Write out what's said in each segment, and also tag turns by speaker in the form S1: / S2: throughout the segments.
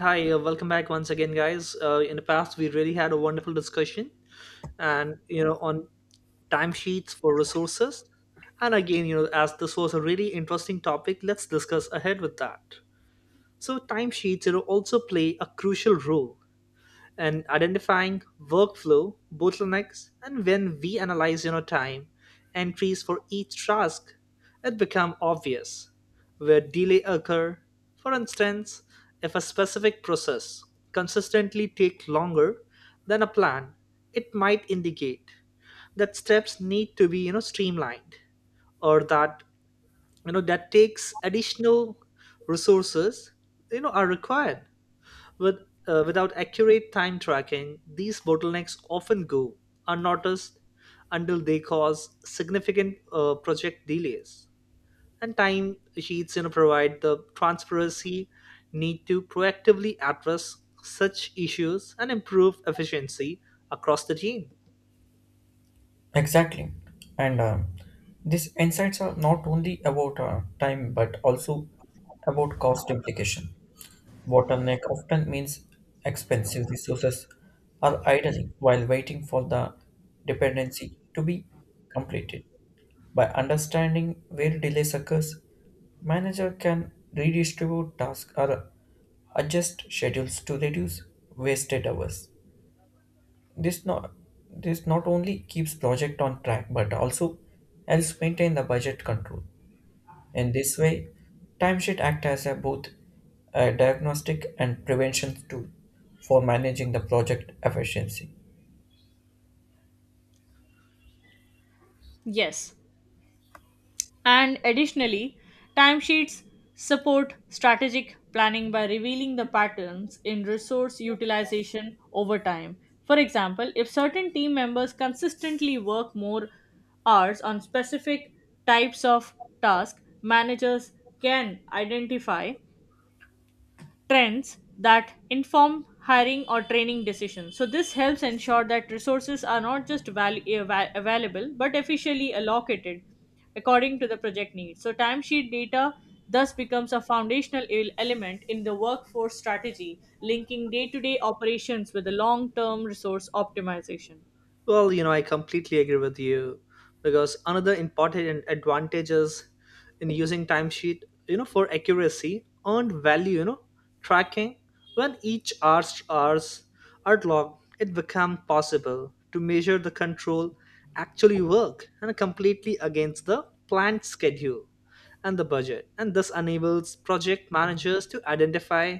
S1: Hi, welcome back once again, guys. In the past, we really had a wonderful discussion, and on timesheets for resources. And again, as this was a really interesting topic, let's discuss ahead with that. So, timesheets, also play a crucial role and identifying workflow bottlenecks, and when we analyze time entries for each task, it become obvious where delay occur. For instance, if a specific process consistently take longer than a plan, it might indicate that steps need to be streamlined, or that that takes additional resources are required. with, Without accurate time tracking, these bottlenecks often go unnoticed until they cause significant project delays. And time sheets, provide the transparency need to proactively address such issues and improve efficiency across the team.
S2: Exactly. And these insights are not only about time but also about cost implication. Bottleneck often means expensive resources are idling while waiting for the dependency to be completed. By understanding where delays occurs, manager can redistribute tasks or adjust schedules to reduce wasted hours. This not this not only keeps project on track but also helps maintain the budget control. In this way, timesheet act as a both a diagnostic and prevention tool for managing the project efficiency.
S3: Yes. And additionally, timesheets support strategic planning by revealing the patterns in resource utilization over time. For example, if certain team members consistently work more hours on specific types of tasks, managers can identify trends that inform hiring or training decisions. So, this helps ensure that resources are not just available but efficiently allocated according to the project needs. So, timesheet data thus becomes a foundational element in the workforce strategy, linking day to day operations with the long term resource optimization.
S1: Well, I completely agree with you, because another important advantages in using timesheet, for accuracy, earned value, tracking, when each hours are logged, it becomes possible to measure the control actually work and completely against the planned schedule and the budget. And this enables project managers to identify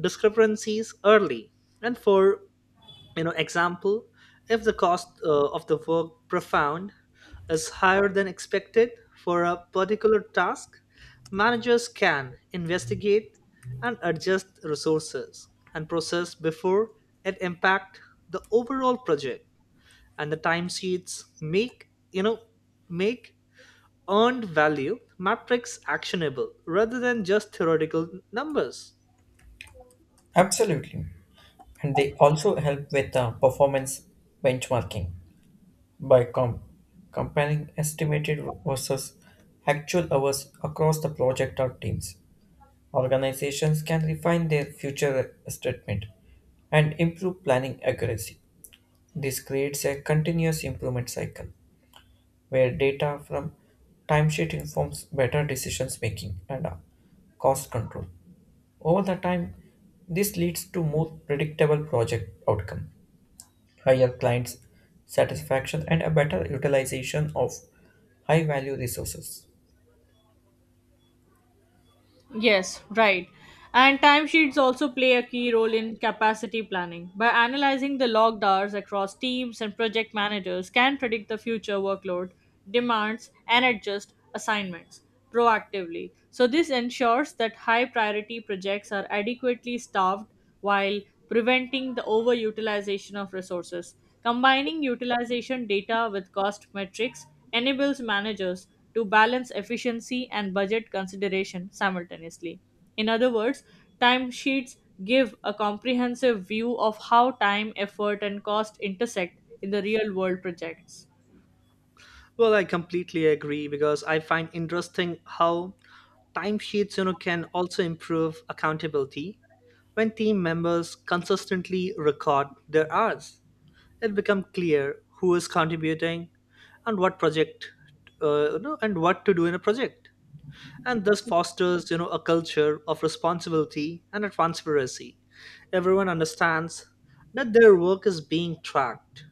S1: discrepancies early, and for example, if the cost of the work profound is higher than expected for a particular task, managers can investigate and adjust resources and process before it impact the overall project. And the timesheets make you know make earned value matrix actionable rather than just theoretical numbers.
S2: Absolutely. And they also help with performance benchmarking by comparing estimated versus actual hours across the project or teams. Organizations can refine their future statement and improve planning accuracy. This creates a continuous improvement cycle where data from timesheet informs better decisions making and cost control. Over the time, this leads to more predictable project outcome, higher client satisfaction, and a better utilization of high value resources.
S3: Yes, right. And timesheets also play a key role in capacity planning. By analyzing the logged hours across teams and project managers can predict the future workload, demands, and adjust assignments proactively. So this ensures that high priority projects are adequately staffed while preventing the overutilization of resources. Combining utilization data with cost metrics enables managers to balance efficiency and budget consideration simultaneously. In other words, timesheets give a comprehensive view of how time, effort, and cost intersect in the real world projects.
S1: Well, I completely agree, because I find interesting how timesheets, can also improve accountability. When team members consistently record their hours, it becomes clear who is contributing and what project, and what to do in a project. And this fosters, a culture of responsibility and transparency. Everyone understands that their work is being tracked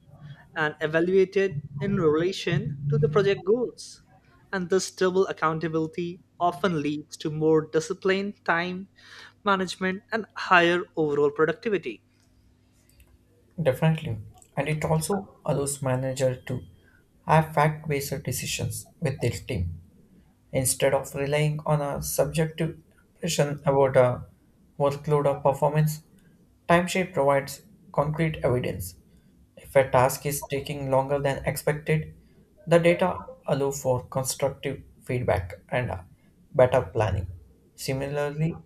S1: and evaluated in relation to the project goals. And this double accountability often leads to more disciplined time management and higher overall productivity.
S2: Definitely. And it also allows manager to have fact based decisions with their team instead of relying on a subjective impression about a workload or performance. Timesheet provides concrete evidence. If a task is taking longer than expected, the data allow for constructive feedback and better planning. Similarly,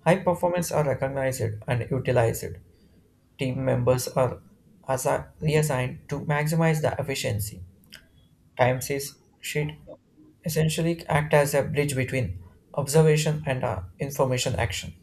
S2: high performance are recognized and utilized. Team members are reassigned to maximize the efficiency timesheets sheet essentially act as a bridge between observation and information action.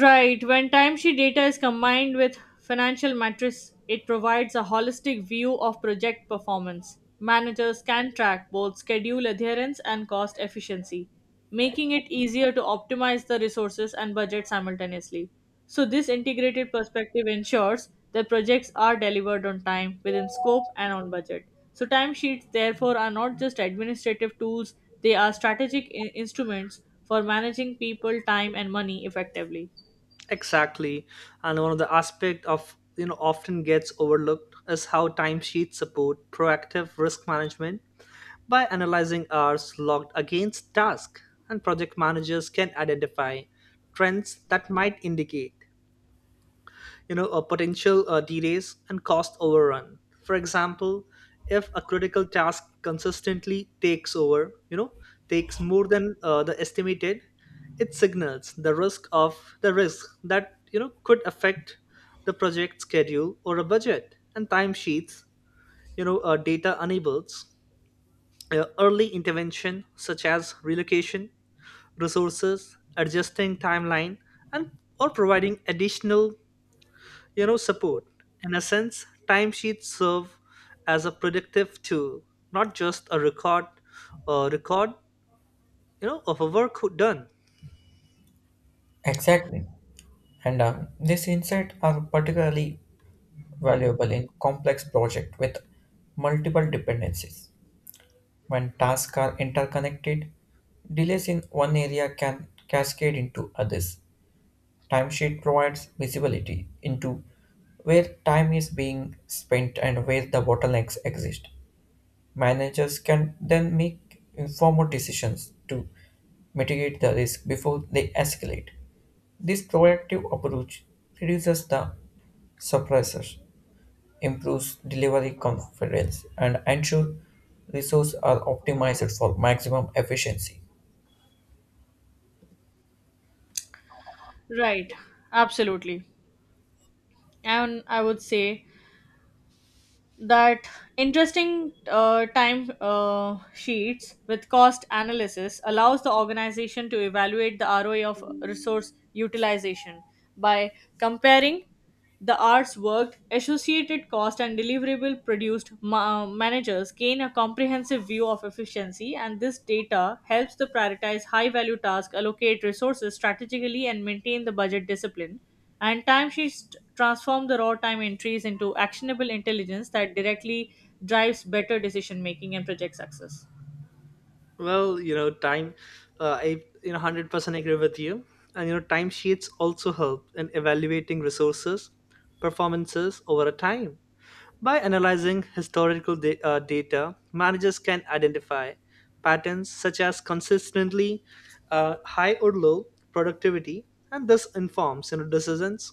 S3: Right. When timesheet data is combined with financial metrics, it provides a holistic view of project performance. Managers can track both schedule adherence and cost efficiency, making it easier to optimize the resources and budget simultaneously. So, this integrated perspective ensures that projects are delivered on time, within scope, and on budget. So, timesheets, therefore, are not just administrative tools, they are strategic instruments for managing people, time, and money effectively.
S1: Exactly. And one of the aspect of often gets overlooked is how timesheets support proactive risk management. By analyzing hours logged against tasks and project, managers can identify trends that might indicate a potential delays and cost overrun. For example, if a critical task consistently takes over, you know, takes more than the estimated, it signals the risk that could affect the project schedule or a budget. And timesheets, data enables early intervention, such as relocation, resources, adjusting timeline, and or providing additional support. In a sense, timesheets serve as a predictive tool, not just a record of a work done.
S2: Exactly. And these insights are particularly valuable in complex projects with multiple dependencies. When tasks are interconnected, delays in one area can cascade into others. Timesheet provides visibility into where time is being spent and where the bottlenecks exist. Managers can then make informed decisions to mitigate the risk before they escalate. This proactive approach reduces the suppressors, improves delivery confidence, and ensures resources are optimized for maximum efficiency.
S3: Right, absolutely. And I would say that interesting time sheets with cost analysis allows the organization to evaluate the ROI of resource utilization by comparing the hours worked, associated cost, and deliverable produced managers gain a comprehensive view of efficiency, and this data helps to prioritize high value tasks, allocate resources strategically, and maintain the budget discipline. And timesheets transform the raw time entries into actionable intelligence that directly drives better decision making and project success.
S1: Well, you know time I 100% agree with you. And timesheets also help in evaluating resources performances over a time. By analyzing data, managers can identify patterns such as consistently high or low productivity, and this informs decisions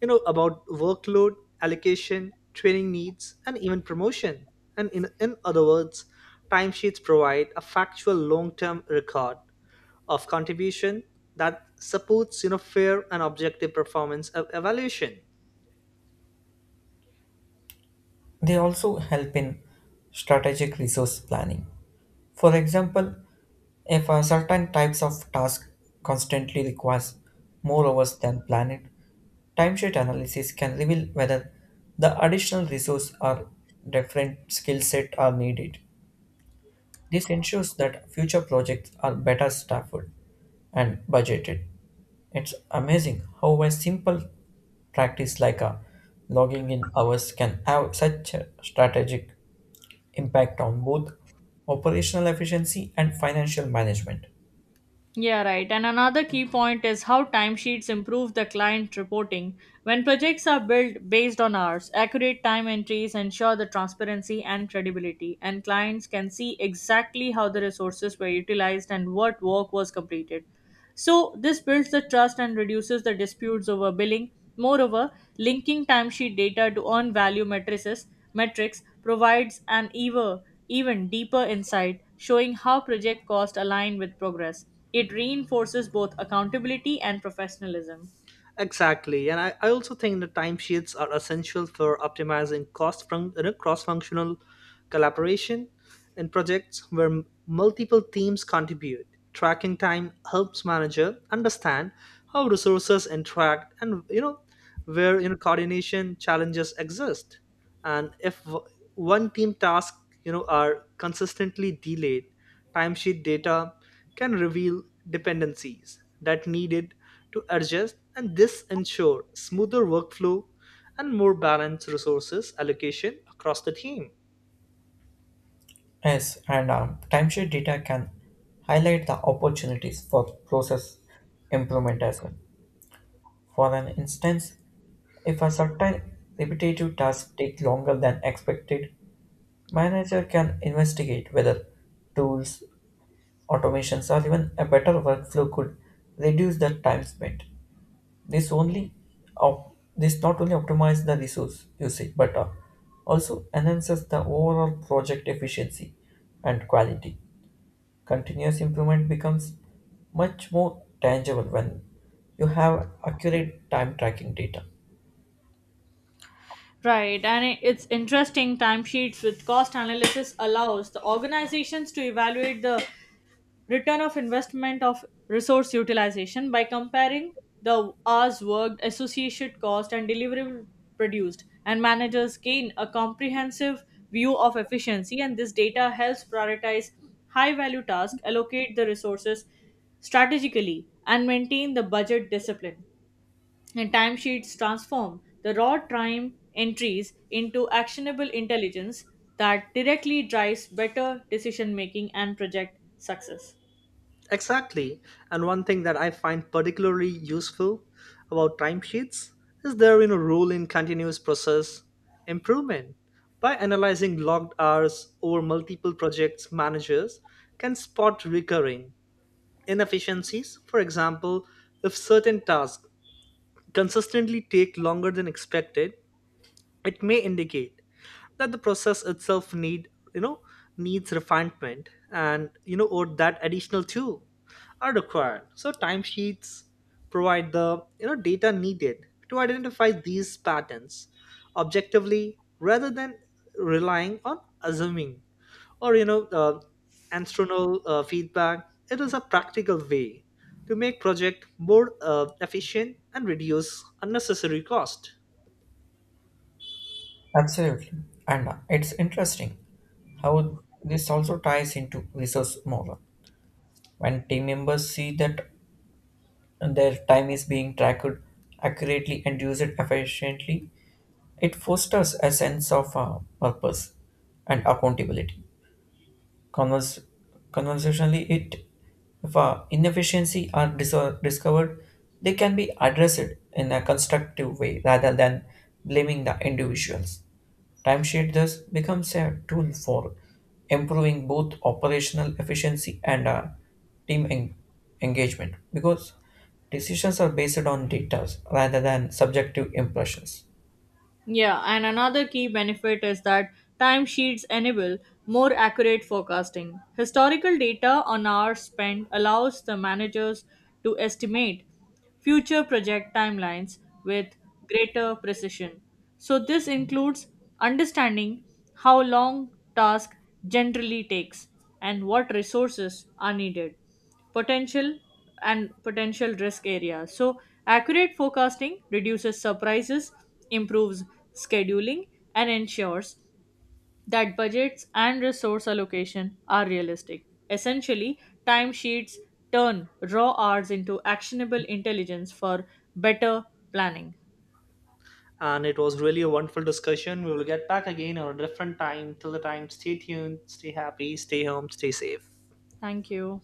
S1: about workload allocation, training needs, and even promotion. And in other words, timesheets provide a factual long-term record of contribution that supports fair and objective performance of evaluation.
S2: They also help in strategic resource planning. For example, if a certain types of task constantly requires more hours than planned, timesheet analysis can reveal whether the additional resource or different skill set are needed. This ensures that future projects are better staffed and budgeted. It's amazing how a simple practice like a logging in hours can have such a strategic impact on both operational efficiency and financial management.
S3: Yeah, right. And another key point is how timesheets improve the client reporting. When projects are built based on hours, accurate time entries ensure the transparency and credibility, and clients can see exactly how the resources were utilized and what work was completed. So, this builds the trust and reduces the disputes over billing. Moreover, linking timesheet data to earned value matrices metrics provides an even deeper insight showing how project costs align with progress. It reinforces both accountability and professionalism.
S1: Exactly, and I also think the timesheets are essential for optimizing cost from cross-functional collaboration in projects where multiple teams contribute. Tracking time helps manager understand how resources interact, and where, coordination challenges exist. And if one team task are consistently delayed, timesheet data can reveal dependencies that needed to adjust, and this ensure smoother workflow and more balanced resources allocation across the team.
S2: Yes, and timeshare data can highlight the opportunities for process improvement as well. For an instance, if a certain repetitive task takes longer than expected, manager can investigate whether tools, automations, or even a better workflow could reduce the time spent. This only this not only optimizes the resource usage but also enhances the overall project efficiency and quality. Continuous improvement becomes much more tangible when you have accurate time tracking data.
S3: Right, and it's interesting. Timesheets with cost analysis allows the organizations to evaluate the return of investment of resource utilization by comparing the hours worked, associated cost, and deliverable produced. And managers gain a comprehensive view of efficiency, and this data helps prioritize high value tasks, allocate the resources strategically, and maintain the budget discipline. And timesheets transform the raw time entries into actionable intelligence that directly drives better decision making and project success.
S1: Exactly. And one thing that I find particularly useful about timesheets is their, role in continuous process improvement. By analyzing logged hours over multiple projects, managers can spot recurring inefficiencies. For example, if certain tasks consistently take longer than expected, it may indicate that the process itself you know needs refinement, and or that additional two are required. So timesheets provide the data needed to identify these patterns objectively rather than relying on assuming, or external feedback. It is a practical way to make project more efficient and reduce unnecessary cost.
S2: Absolutely. And it's interesting how this also ties into resource model. When team members see that their time is being tracked accurately and used efficiently, it fosters a sense of purpose and accountability. Convers- Conversationally, it if inefficiency are discovered, they can be addressed in a constructive way rather than blaming the individuals. Timesheet thus becomes a tool for improving both operational efficiency and team engagement because decisions are based on data rather than subjective impressions.
S3: Yeah, and another key benefit is that timesheets enable more accurate forecasting. Historical data on hours spent allows the managers to estimate future project timelines with greater precision. So, this includes understanding how long task generally takes and what resources are needed potential potential risk areas. So, accurate forecasting reduces surprises, improves scheduling, and ensures that budgets and resource allocation are realistic. Essentially, timesheets turn raw hours into actionable intelligence for better planning.
S1: And it was really a wonderful discussion. We will get back again on a different time. Till the time, stay tuned, stay happy, stay home, stay safe.
S3: Thank you.